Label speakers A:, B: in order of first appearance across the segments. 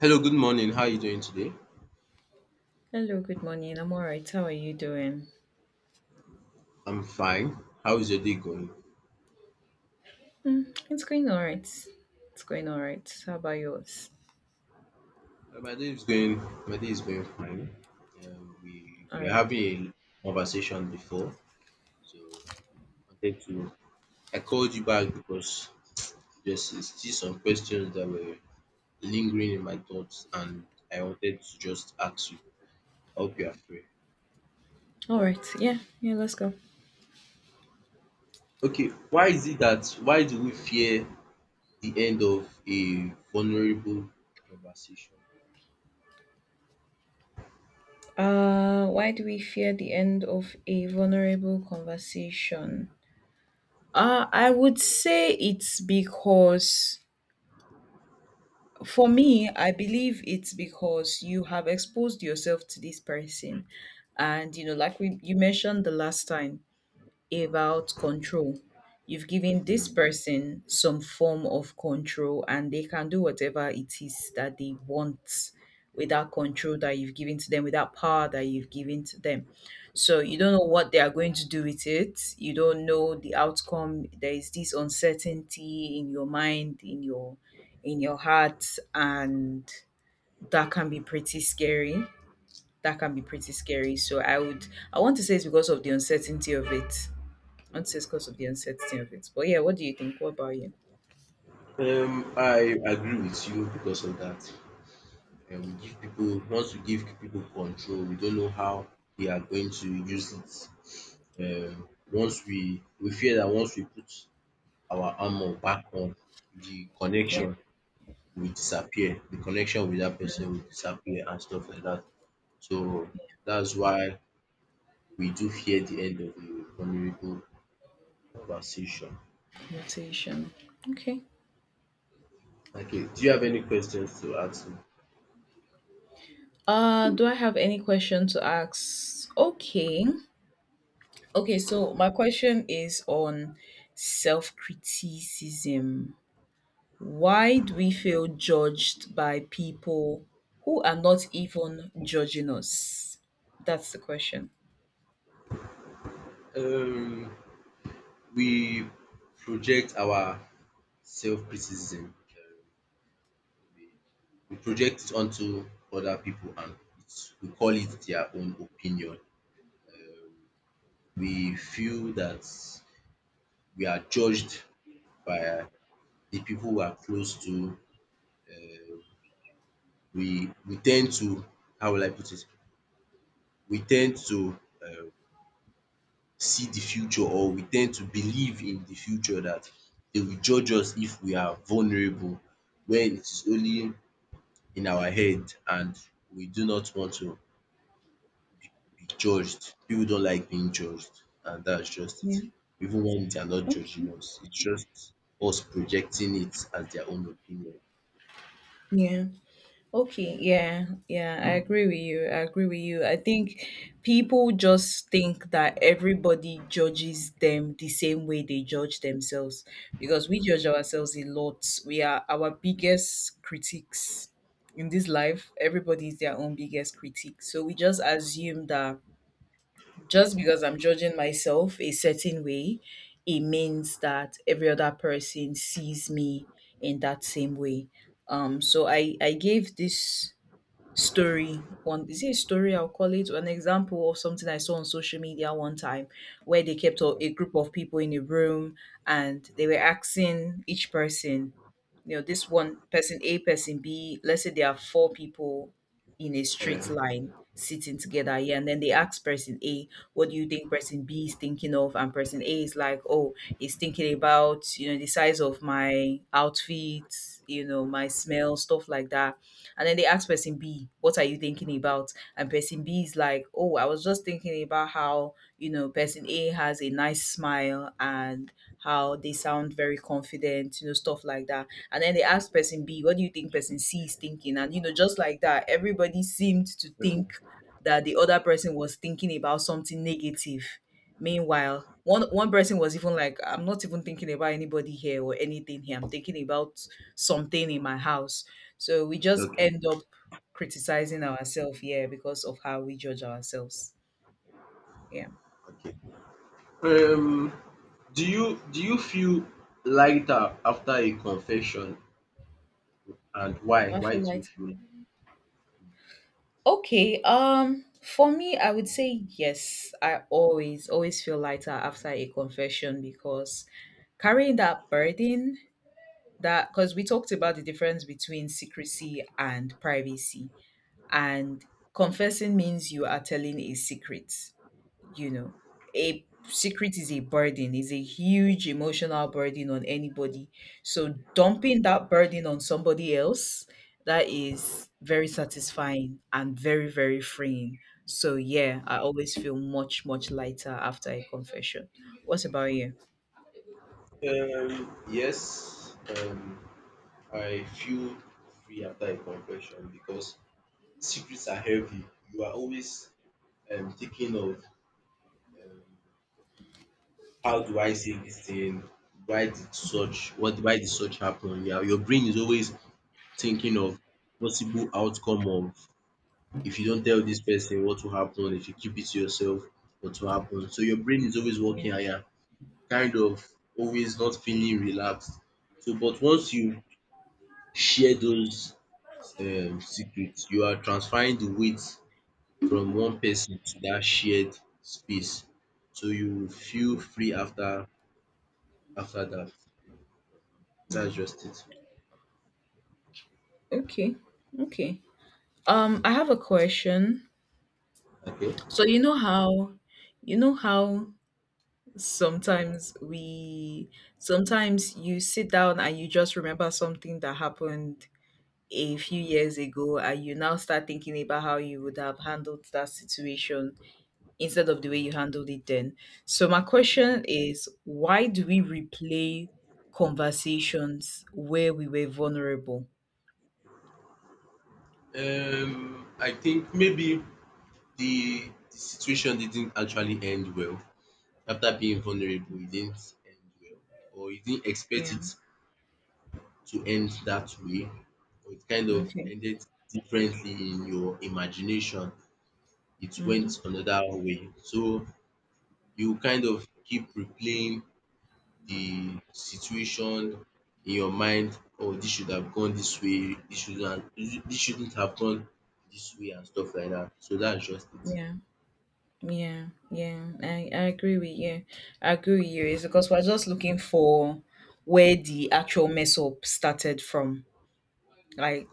A: Hello, good morning. How are you doing today?
B: Hello, good morning. I'm all right. How are you doing?
A: I'm fine. How is your day going?
B: Mm, it's going all right. It's going all right. How about yours?
A: My day is going. My day is going fine. We
B: All
A: were
B: right.
A: having a conversation before, so I wanted to. I called you back because there's still some questions that were lingering in my thoughts, and I wanted to just ask you. I hope you are free.
B: All right. Yeah. Yeah. Let's go.
A: Okay, why is it that why do we fear the end of a vulnerable conversation?
B: Why do we fear the end of a vulnerable conversation? I would say it's because, for me, I believe it's because you have exposed yourself to this person. And, you know, like you mentioned the last time, about control. You've given this
A: Hmm.
B: person some form of control and they can do whatever it is that they want with that control that you've given to them, with that power that you've given to them. So you don't know what they are going to do with it. You don't know the outcome. There is this uncertainty in your mind, in your heart, and that can be pretty scary. That can be pretty scary. So I would I want to say it's because of the uncertainty of it until because of the uncertainty of it. But yeah, what do you think? What about you?
A: I agree with you because of that. We give people once we give people control, we don't know how they are going to use it. Once we fear that once we put our armor back on, the
B: Yeah,
A: connection will disappear. The connection with that person will disappear and stuff like that. So that's why we do fear the end of the vulnerable conversation.
B: motivation. Okay.
A: Okay. Do you have any questions to ask me?
B: Do I have any question to ask? Okay. Okay, so my question is on self criticism. Why do we feel judged by people who are not even judging us? That's the question.
A: Um, we project our self-criticism, we we project it onto other people and we call it their own opinion. We feel that we are judged by the people we are close to. We tend to how will I put it? We tend to um see the future, or we tend to believe in the future that they will judge us if we are vulnerable when it is only in our head, and we do not want to be judged. People don't like being judged, and that's just
B: Yeah.
A: it. Even when they are not
B: Okay.
A: judging us, it's just us projecting it as their own opinion.
B: Yeah. Okay, yeah, yeah, I agree with you. I agree with you. I think people just think that everybody judges them the same way they judge themselves because we judge ourselves a lot. We are our biggest critics in this life. Everybody is their own biggest critic. So we just assume that just because I'm judging myself a certain way, it means that every other person sees me in that same way. So I gave this story. One, is it a story? I'll call it an example of something I saw on social media one time where they kept a group of people in a room and they were asking each person, you know, this one person, a person B, let's say there are four people in a straight
A: Yeah.
B: line sitting together. Yeah. And then they ask person A, what do you think person B is thinking of? And person A is like, oh, he's thinking about, you know, the size of my outfit, you know, my smell, stuff like that. And then they ask person B, what are you thinking about? And person B is like, oh, I was just thinking about how, you know, person A has a nice smile and how they sound very confident, you know, stuff like that. And then they ask person B, what do you think person C is thinking? And, you know, just like that, everybody seemed to
A: Okay.
B: think that the other person was thinking about something negative. Meanwhile, one person was even like, I'm not even thinking about anybody here or anything here. I'm thinking about something in my house. So we just
A: Okay,
B: end up criticizing ourselves, yeah, because of how we judge ourselves. Yeah.
A: okay. Um, do you feel lighter after a confession, and why?
B: I
A: Why
B: feel
A: do you
B: like
A: feel?
B: Okay, for me, I would say yes. I always, always feel lighter after a confession because carrying that burden, that because we talked about the difference between secrecy and privacy, and confessing means you are telling a secret. You know, a secret is a burden, is a huge emotional burden on anybody, so dumping that burden on somebody else, that is very satisfying and very very freeing. So yeah, I always feel much much lighter after a confession. What's about you?
A: Yes, I feel free after a confession because secrets are heavy. You are always thinking of um, how do I say this thing? Why did such happen? Yeah, your brain is always thinking of possible outcome of if you don't tell this person what will happen, if you keep it to yourself, what will happen. So your brain is always
B: Yeah.
A: working higher, kind of always not feeling relaxed. So but once you share those secrets, you are transferring the weight from one person to that shared space. So you will feel free after that. That's just it.
B: Okay. okay I have a question.
A: Okay.
B: So you know how sometimes we sometimes you sit down and you just remember something that happened a few years ago and you now start thinking about how you would have handled that situation instead of the way you handled it then. So my question is, why do we replay conversations where we were vulnerable?
A: I think maybe the, the situation didn't actually end well. After being vulnerable, it didn't end well, or you didn't expect
B: Yeah.
A: it to end that way, or it kind of
B: Okay.
A: ended differently in your imagination. It went
B: Hmm.
A: another way, so you kind of keep replaying the situation in your mind, "Oh, this should have gone this way, this shouldn't have gone this way," and stuff like that. So that's just it.
B: Yeah. Yeah, yeah, I agree with you. I agree with you. It's because we're just looking for where the actual mess up started from, like,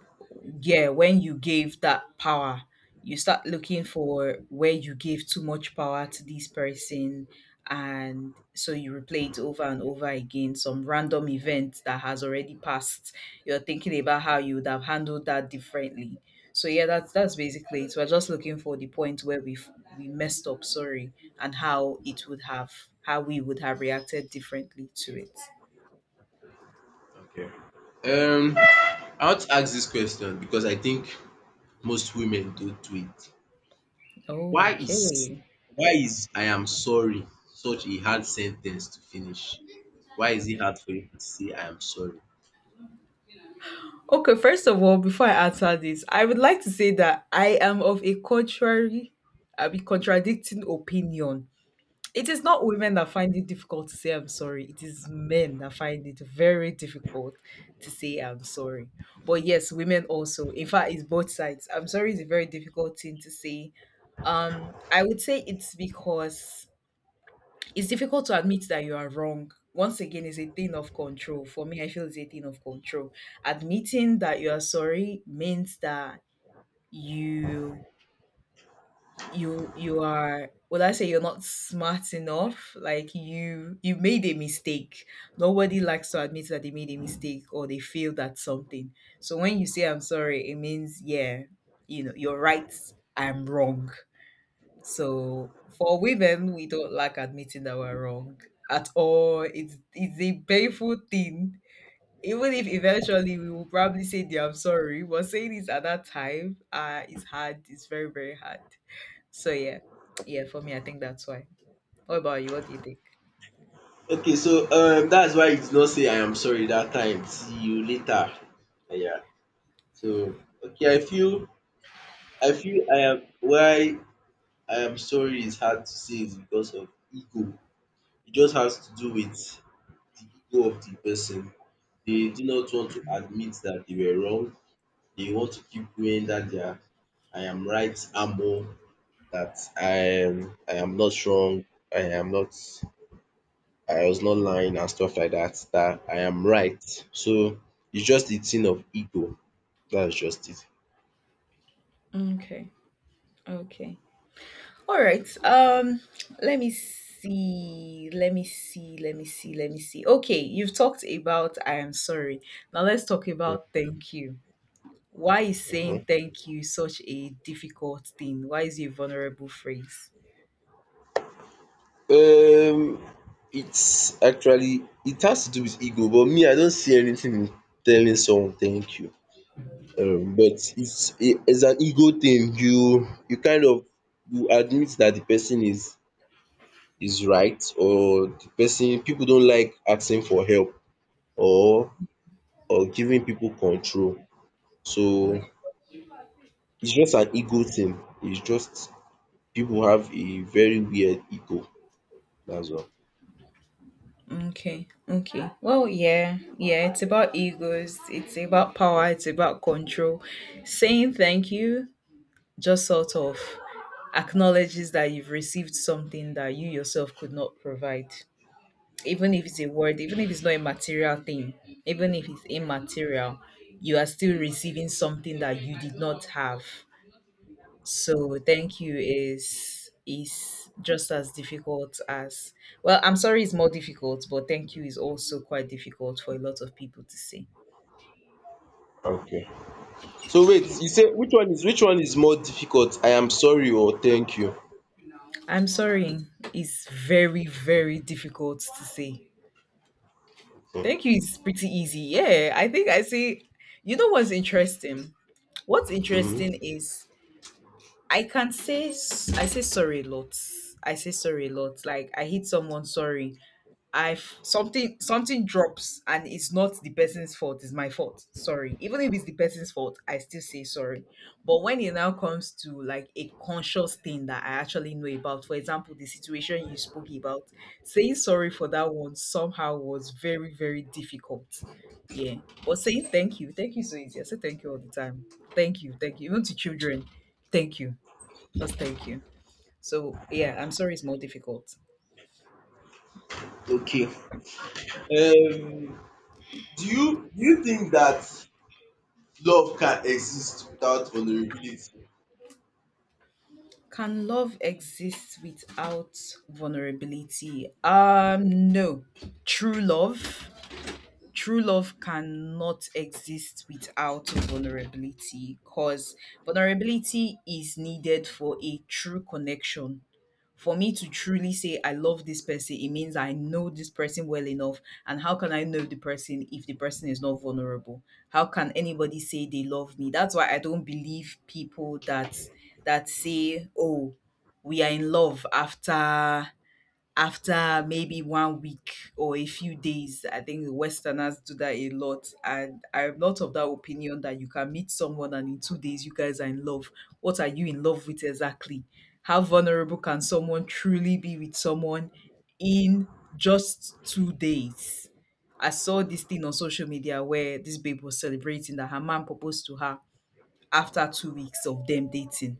B: yeah, when you gave that power, you start looking for where you gave too much power to this person, and so you replay it over and over again, some random event that has already passed. You're thinking about how you would have handled that differently. So yeah, that's basically it. So, we're just looking for the point where we messed up, sorry, and how it would have, how we would have reacted differently to it.
A: Okay. um I want to ask this question because I think most women don do it. Why is
B: Okay.
A: why is "I am sorry" such a hard sentence to finish? Why is it hard for you to say "I am sorry"?
B: Okay, first of all, before I answer this, I would like to say that I am of a contrary, I mean, contradicting opinion. It is not women that find it difficult to say I'm sorry. It is men that find it very difficult to say I'm sorry. But yes, women also. In fact, it's both sides. I'm sorry is a very difficult thing to say. I would say it's because it's difficult to admit that you are wrong. Once again, it's a thing of control. For me, I feel it's a thing of control. Admitting that you are sorry means that you you are, would I say you're not smart enough? Like you made a mistake. Nobody likes to admit that they made a mistake or they failed at something. So when you say I'm sorry, it means yeah, you know, you're right, I'm wrong. So for women, we don't like admitting that we're wrong at all. It's a painful thing. Even if eventually we will probably say, "Dear, I'm sorry," but saying it at that time, it's hard. It's very very hard. So yeah, yeah. For me, I think that's why. What about you? What do you think?
A: Okay, so that's why you did not say "I am sorry" that time. See you later. Yeah. So okay, I feel "I am sorry" is hard to say is because of ego. It just has to do with the ego of the person. They do not want to admit that they were wrong. They want to keep doing that they are I am right ammo, that I am not wrong. I am not I was not lying and stuff like that. That I am right. So it's just the thing of ego. That's just it.
B: Okay. Okay. All right. Let me see. Let me see. Let me see. Let me see. Okay, you've talked about I am sorry. Now let's talk about thank you. Why is
A: Mhm.
B: saying thank you such a difficult thing? Why is it a vulnerable phrase?
A: Um, it's actually it has to do with ego, but me, I don't see anything in telling someone thank you. But it's an ego thing. You kind of you admit that the person is right, or the person people don't like asking for help, or giving people control.
B: Yeah.
A: So it's just an ego thing. It's just people have a very weird ego. That's all.
B: Okay. Okay. Well, yeah. Yeah. It's about egos. It's about power. It's about control. Saying thank you just sort of acknowledges that you've received something that you yourself could not provide. Even if it's a word, even if it's not a material thing, even if it's immaterial, you are still receiving something that you did not have. So thank you is just as difficult as, well, I'm sorry it's more difficult, but thank you is also quite difficult for a lot of people to say.
A: Okay. So wait,
B: Yeah.
A: you say which one is more difficult? I am sorry or thank you?
B: I'm sorry is very, very difficult to say.
A: Okay.
B: Thank you is pretty easy. Yeah, I think I say, you know what's interesting? What's
A: Mhm.
B: interesting is I can say I say sorry a lot. I say sorry a lot. Like I hit someone, sorry, something drops and it's not the person's fault, it's my fault. Sorry. Even if it's the person's fault, I still say sorry. But when it now comes to like a conscious thing that I actually know about, for example, the situation you spoke about, saying sorry for that one somehow was very, very difficult. Yeah. But saying thank you so easy. I say thank you all the time. Thank you, thank you. Even to children, thank you. Just thank you. So yeah, I'm sorry it's more difficult.
A: Okay. Um, do you think that love can exist without vulnerability?
B: Can love exist without vulnerability? No. True love, cannot exist without vulnerability because vulnerability is needed for a true connection. For me to truly say I love this person, it means I know this person well enough. And how can I know the person if the person is not vulnerable? How can anybody say they love me? That's why I don't believe people that say, "Oh, we are in love after maybe one week or a few days." I think Westerners do that a lot. And I'm not of that opinion that you can meet someone and in two days you guys are in love. What are you in love with exactly? How vulnerable can someone truly be with someone in just two days? I saw this thing on social media where this babe was celebrating that her man proposed to her after two weeks of them dating,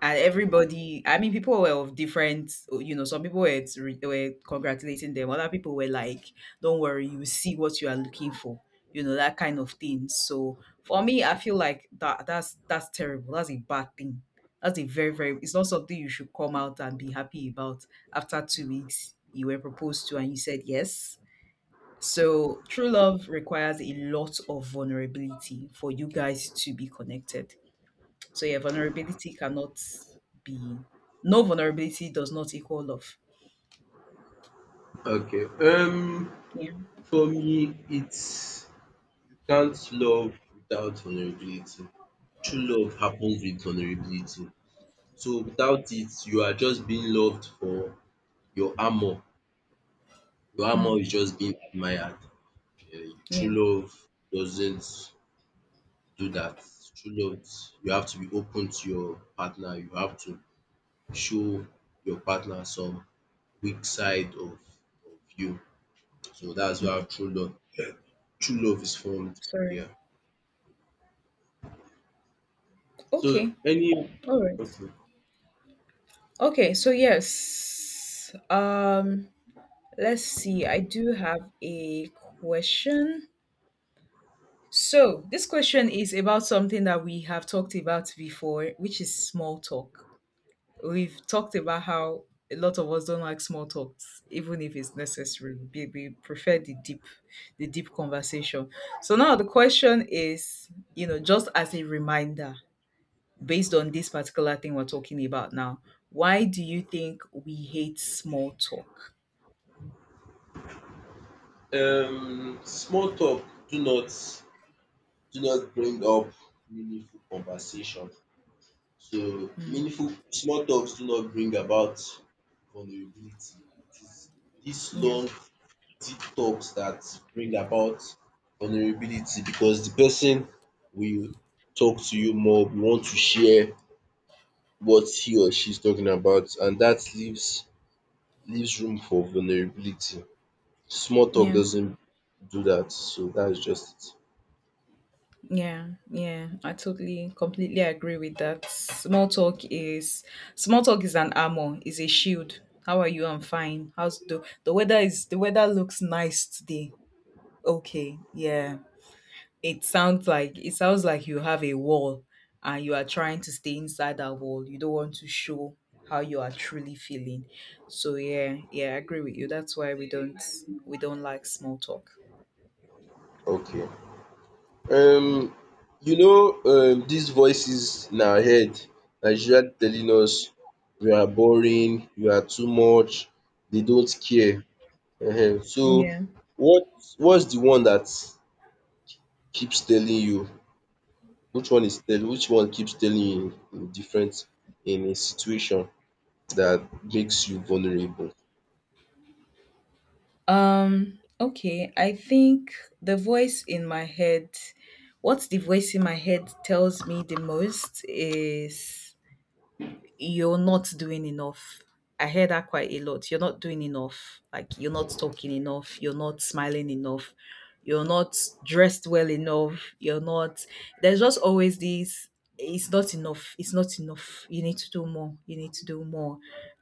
B: and everybody, I mean, people were of different, you know, some people were, were congratulating them, other people were like, don't worry, you see what you are looking for, you know, that kind of thing. So for me, I feel like that's terrible, that's a bad thing, that's a very very, it's not something you should come out and be happy about. After two weeks you were proposed to and you said yes. So true love requires a lot of vulnerability for you guys to be connected. So yeah, vulnerability cannot be, no, vulnerability does not equal love.
A: Okay.
B: Yeah.
A: For me, it's you can't love without vulnerability. True love happens with vulnerability. So without it, you are just being loved for your armor. Your
B: Mm,
A: armor is just being admired.
B: yeah.
A: True love doesn't do that. True love, you have to be open to your partner. You have to show your partner some weak side of, you. So that's where true love, yeah, true love is formed.
B: Sorry.
A: Yeah. So
B: Okay.
A: any
B: All right.
A: Okay.
B: Okay, so yes. Let's see. I do have a question. So, this question is about something that we have talked about before, which is small talk. We've talked about how a lot of us don't like small talks, even if it's necessary. We prefer the deep conversation. So now the question is, just as a reminder, based on this particular thing we're talking about now, why do you think we hate small talk?
A: Small talk. Do not do not bring up meaningful conversation. So
B: Mm,
A: meaningful small talks do not bring about vulnerability. It is this
B: yeah.
A: long deep talks that bring about vulnerability because the person will talk to you more, will want to share what he or she is talking about, and that leaves room for vulnerability. Small talk
B: Yeah.
A: doesn't do that, so that's just
B: Yeah, yeah, I totally, completely agree with that. Small talk is an armor, is a shield. How are you? I'm fine. How's the weather? Is the weather looks nice today? Okay, yeah. It sounds like you have a wall, and you are trying to stay inside that wall. You don't want to show how you are truly feeling. So yeah, yeah, I agree with you. That's why we don't like small talk.
A: it. Okay. Um, these voices in our head are usually telling us you are boring, you are too much, they don't care. Ehen, so
B: Yeah.
A: what what's the one that keeps telling you? Which one keeps telling you in a situation that makes you vulnerable?
B: Okay, I think the voice in my head, what the voice in my head tells me the most is you're not doing enough. I hear that quite a lot. You're not doing enough. Like you're not talking enough. You're not smiling enough. You're not dressed well enough. You're not. There's just always this. It's not enough. It's not enough. You need to do more. You need to do more,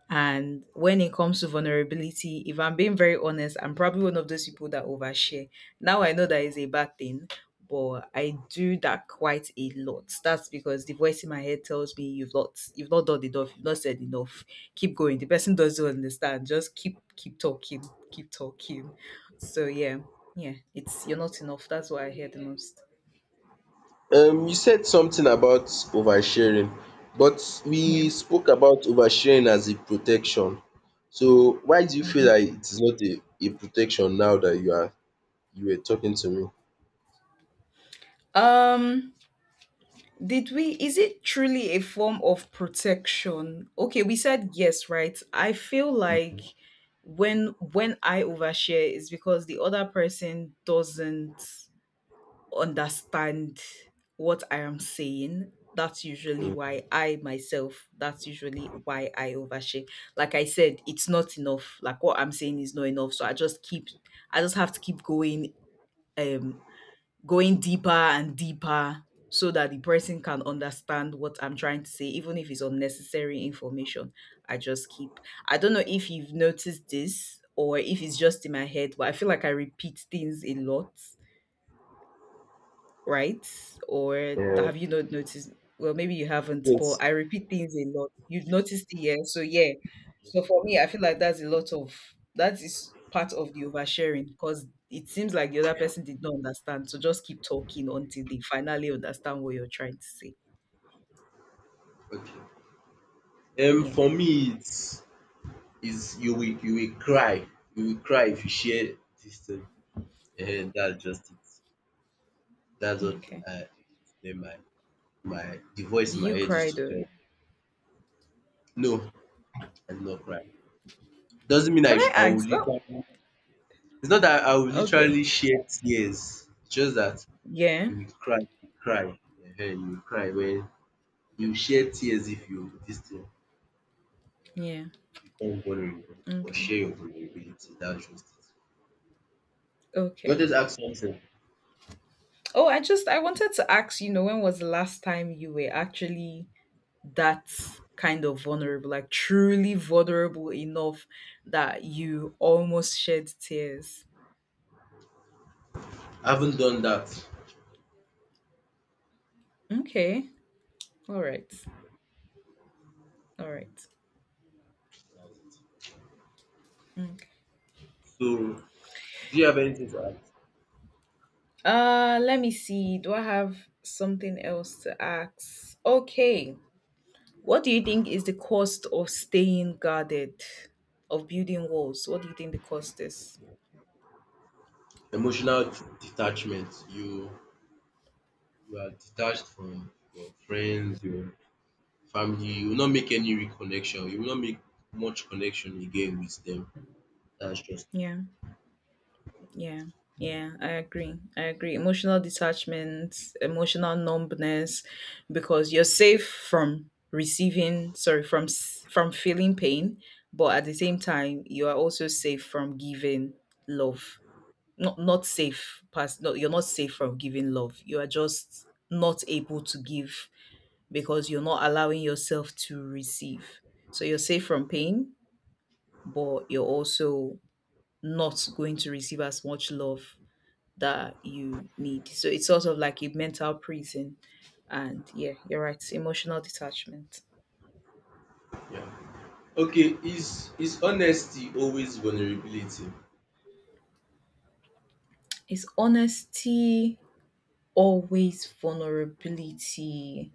B: and when it comes to vulnerability, if I'm being very honest, I'm probably one of those people that overshare. Now I know that is a bad thing, but I do that quite a lot. That's because the voice in my head tells me you've not done enough, you've not said enough. Keep going. The person doesn't understand. Just keep talking, keep talking. So yeah, yeah, it's you're not enough. That's what I hear the most.
A: You said something about oversharing, but
B: Yeah.
A: we spoke about oversharing as a protection. So why do you feel
B: Hmm.
A: like it is not a protection now that you were talking to me?
B: Um. Did we? Is it truly a form of protection? Okay, we said yes, right? I feel like when I overshare is because the other person doesn't understand what I am saying. That's usually why I overshare. Like I said, it's not enough. Like what I'm saying is not enough. So I just have to keep going um going deeper and deeper so that the person can understand what I'm trying to say, even if it's unnecessary information. I just keep. I don't know if you've noticed this or if it's just in my head, but I feel like I repeat things a lot, right? Or
A: Um
B: have you not noticed? Well, maybe you haven't,
A: yes.
B: but I repeat things a lot. You've noticed it, yeah. So yeah. So for me, I feel like that is part of the oversharing because it seems like the other person did not understand. So just keep talking until they finally understand what you're trying to say.
A: Okay.
B: Yeah.
A: For me it's Is you will cry. You will cry if you share this thing. That's just it. That's what
B: Okay.
A: I my my the voice
B: Do
A: in my
B: you
A: head
B: cry
A: used to tell
B: though?
A: me. No, I did not cry. Doesn't mean I
B: Can I
A: should. I will
B: ask? Oh,
A: literally It's not that I will
B: okay.
A: literally share tears. It's just that
B: Yeah.
A: you will cry you will cry you will cry when you share tears, if you this thing
B: Yeah.
A: become vulnerable or
B: Okay.
A: share your vulnerability. That's just it. You
B: Okay.
A: wanted ask something?
B: Oh, I wanted to ask, when was the last time you were actually that kind of vulnerable, like truly vulnerable enough that you almost shed tears.
A: I haven't done that. That's
B: Okay. All right. All right.
A: it.
B: Mm.
A: So do you have anything to add?
B: Let me see. Do I have something else to ask? Okay. What do you think is the cost of staying guarded? Of building walls? What do you think the cost is?
A: Emotional detachment. You are detached from your friends, your family. You will not make any reconnection. You will not make much connection again with them. That's just
B: Yeah. Yeah, yeah, I agree. I agree. Emotional detachment, emotional numbness, because you're safe from receiving, sorry, from feeling pain, but at the same time, you are also safe from giving love. Not safe past. No, you're not safe from giving love. You are just not able to give because you're not allowing yourself to receive. So you're safe from pain, but you're also not going to receive as much love that you need. So it's sort of like a mental prison. And yeah, you're right. Emotional detachment.
A: yeah. Okay, is honesty always vulnerability?
B: Is honesty always vulnerability?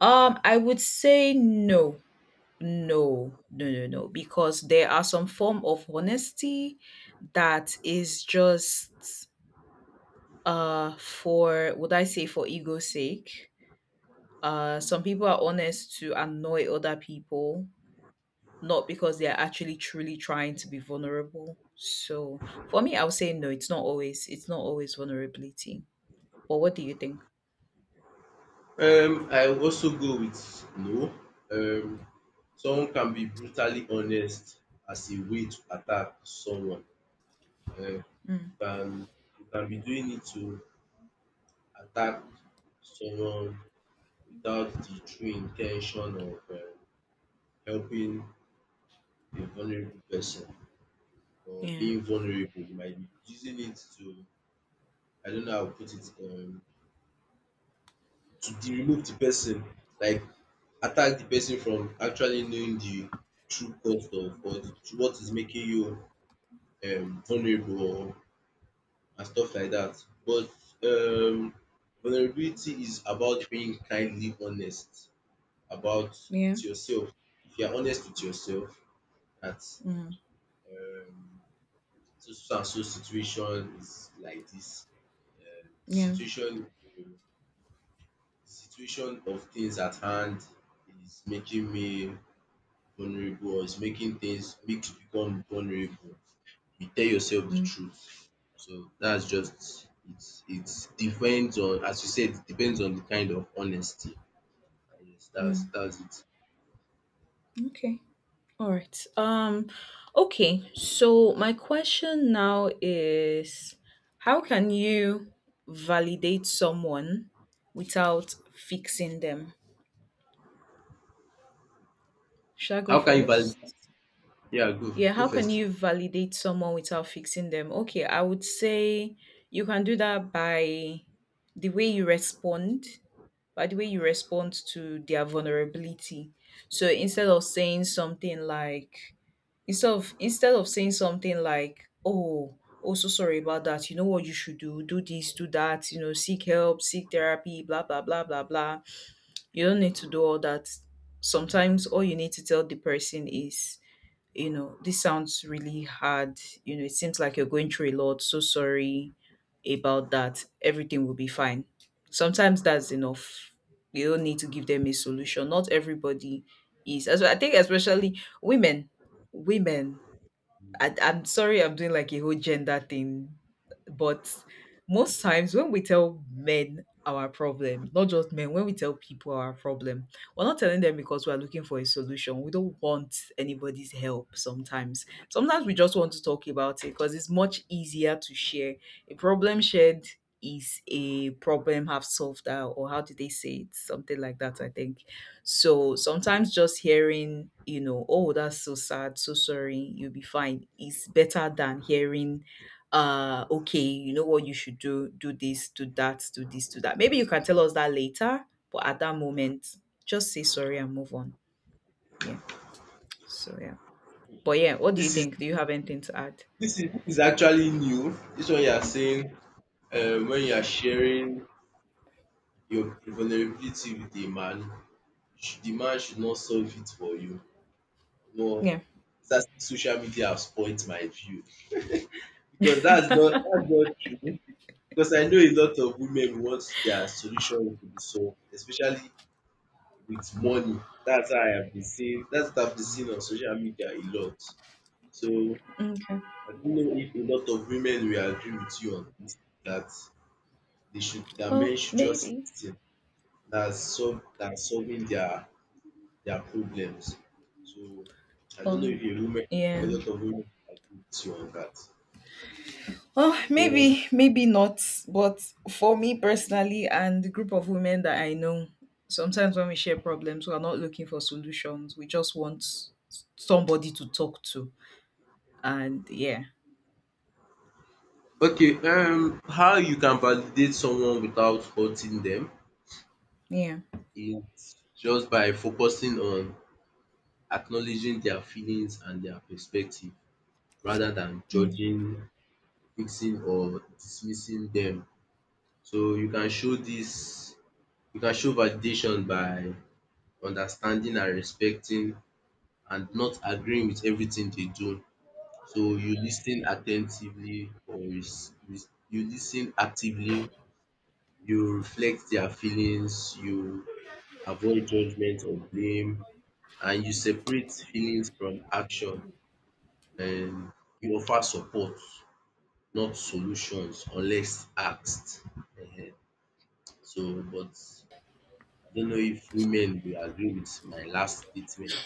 B: I would say no. No, no, no, no, because there are some form of honesty that is just for, would I say, for ego's sake. Some people are honest to annoy other people, not because they are actually truly trying to be vulnerable. So for me, I would say no. It's not always. It's not always vulnerability. But what do you think?
A: I will also go with no. Um, someone can be brutally honest as a way to attack someone. Um, you
B: Mm,
A: can you can be doing it to attack someone without the true intention of helping a vulnerable person or
B: yeah.
A: being vulnerable. You might be using it to, I don't know how to put it, to de remove the person, like attack the person from actually knowing the true cost of, or the what is making you vulnerable, or and stuff like that. But um vulnerability is about being kindly honest about
B: Yeah.
A: with yourself. If you are honest with yourself, that.
B: Mm,
A: um, so so and so situation is like this, um
B: yeah.
A: situation um situation of things at hand is making me vulnerable, or is making things make you become vulnerable, you tell yourself the
B: Mm,
A: truth. So that's just it, it depends on, as you said, it depends on the kind of honesty, and yes, that's
B: mm.
A: that's it.
B: Okay. All right. Okay. So my question now is, how can you validate someone without fixing them? Shall I go
A: How can you valid
B: first?
A: Yeah, go
B: Yeah,
A: go
B: how can
A: first.
B: you validate someone without fixing them? Okay, I would say you can do that by the way you respond, by the way you respond to their vulnerability. So instead of saying something like instead of saying something like, "Oh, oh, so sorry about that. You know what you should do? Do this, do that. You know, seek help, seek therapy, blah blah blah blah blah." You don't need to do all that. Sometimes all you need to tell the person is, you know, this sounds really hard. You know, it seems like you're going through a lot. So sorry about that. Everything will be fine. Sometimes that's enough. You don't need to give them a solution. Not everybody is. As I think, especially women, women I'm sorry, I'm doing like a whole gender thing, but most times when we tell men our problem, not just men, when we tell people our problem, we're not telling them because we're looking for a solution. We don't want anybody's help sometimes. Sometimes we just want to talk about it because it's much easier to share. A problem shared is a problem half solved out, or how do they say it? Something like that, I think. So sometimes just hearing, you know, "Oh, that's so sad, so sorry, you'll be fine," is better than hearing, "Okay, you know what you should do, do this, do that, do this, do that." Maybe you can tell us that later, but at that moment, just say sorry and move on. Yeah. So yeah. But yeah, what do you
A: this is
B: think? Do you have anything to add?
A: this is this is actually new, this one you are saying. When you are sharing your vulnerability with a man, the man should not solve it for you. Omo,
B: Yeah.
A: that's social media has spoilt my view because that's not true, because I know a lot of women want their solution to be solved, especially with money. That's what I've been seeing on social media a lot. So
B: Okay.
A: I don't know if a lot of women will agree with you on dis, that That men
B: Well,
A: should just
B: maybe.
A: listen. That's So that's solving their problems. So I don't know
B: Well,
A: if a woman a
B: yeah.
A: lot of women agree with you on that.
B: Oh,
A: Yeah.
B: maybe, maybe not. But for me personally and the group of women that I know, sometimes when we share problems, we are not looking for solutions. We just want somebody to talk to. And yeah,
A: Okay, how you can validate someone without hurting them
B: yeah.
A: is just by focusing on acknowledging their feelings and their perspective rather than
B: Mm.
A: judging, fixing or dismissing them. So you can show validation by understanding and respecting, and not agreeing with everything they do. So you listen attentively, or res- res- you s- you listen actively, you reflect their feelings, you avoid judgment or blame, and you separate feelings from action, and you offer support, not solutions unless asked. Ehen. So but I don't know if women will agree with my last statement,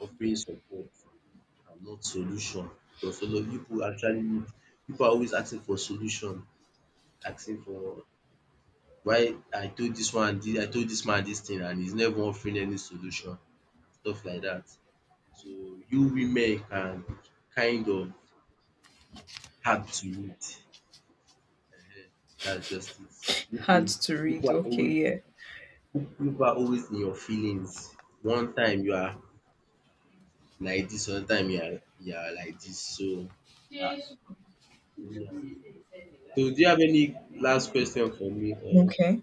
A: offering support and not solution, because a lot of people actually need pipu are always asking for solution, asking for why I told this one this, I told this man this thing and he's never offering any solution and stuff like that. So you women can kind of hard to read. um Dats just it.
B: Hard
A: People,
B: to
A: people
B: read.
A: are
B: Okay,
A: always
B: yeah.
A: people are always in your feelings. One time you are like this, another time you are like this. So ah, anyhow. So, do you have any last question for me or?
B: Okay.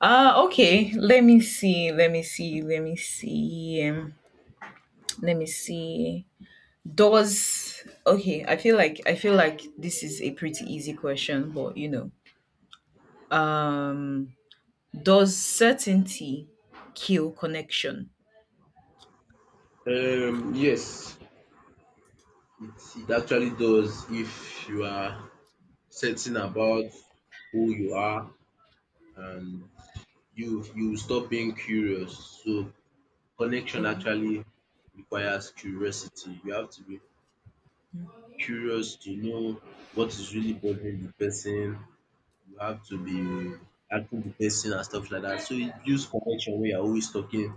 B: Okay. Let me see. Let me see. Let me see. Let me see. Does Okay, I feel like this is a pretty easy question, but you know. Um Does certainty kill connection?
A: Yes, it actually does if you are certain about who you are, and you stop being curious. So connection
B: Yeah.
A: actually requires curiosity. You have to be curious to know what is really bothering the person. You have to be helping the person and stuff like that. So it builds connection when you're always talking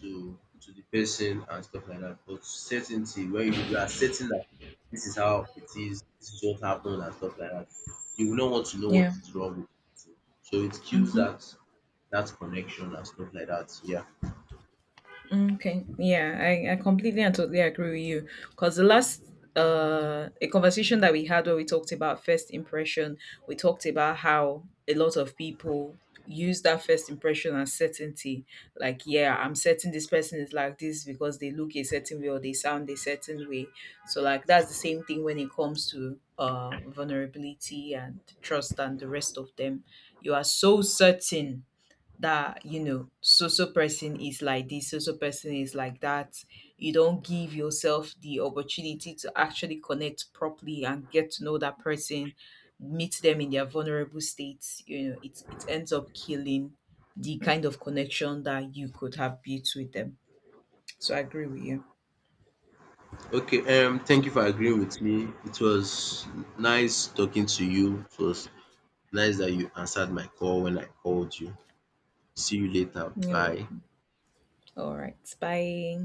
A: to the person and stuff like that. But certainty, when you are certain that this is how it is, this is what happened and stuff like that, you will not want to know what
B: Yeah.
A: is wrong. So it kills
B: Hmm.
A: that connection and stuff like that. Yeah.
B: Okay. Yeah, I completely and totally agree with you. Because the last a conversation that we had where we talked about first impression, we talked about how a lot of people use that first impression as certainty. Like, yeah, I'm certain this person is like this because they look a certain way or they sound a certain way. So like that's the same thing when it comes to vulnerability and trust and the rest of them. You are so certain that you know so so person is like this, so so person is like that, you don't give yourself the opportunity to actually connect properly and get to know that person, meet them in their vulnerable states, it ends up killing the kind of connection that you could have built with them. So I agree with you.
A: Okay. Thank you for agreeing with me. It was nice talking to you. It was nice that you answered my call when I called you. See you later.
B: You're
A: Bye.
B: welcome. All right, bye.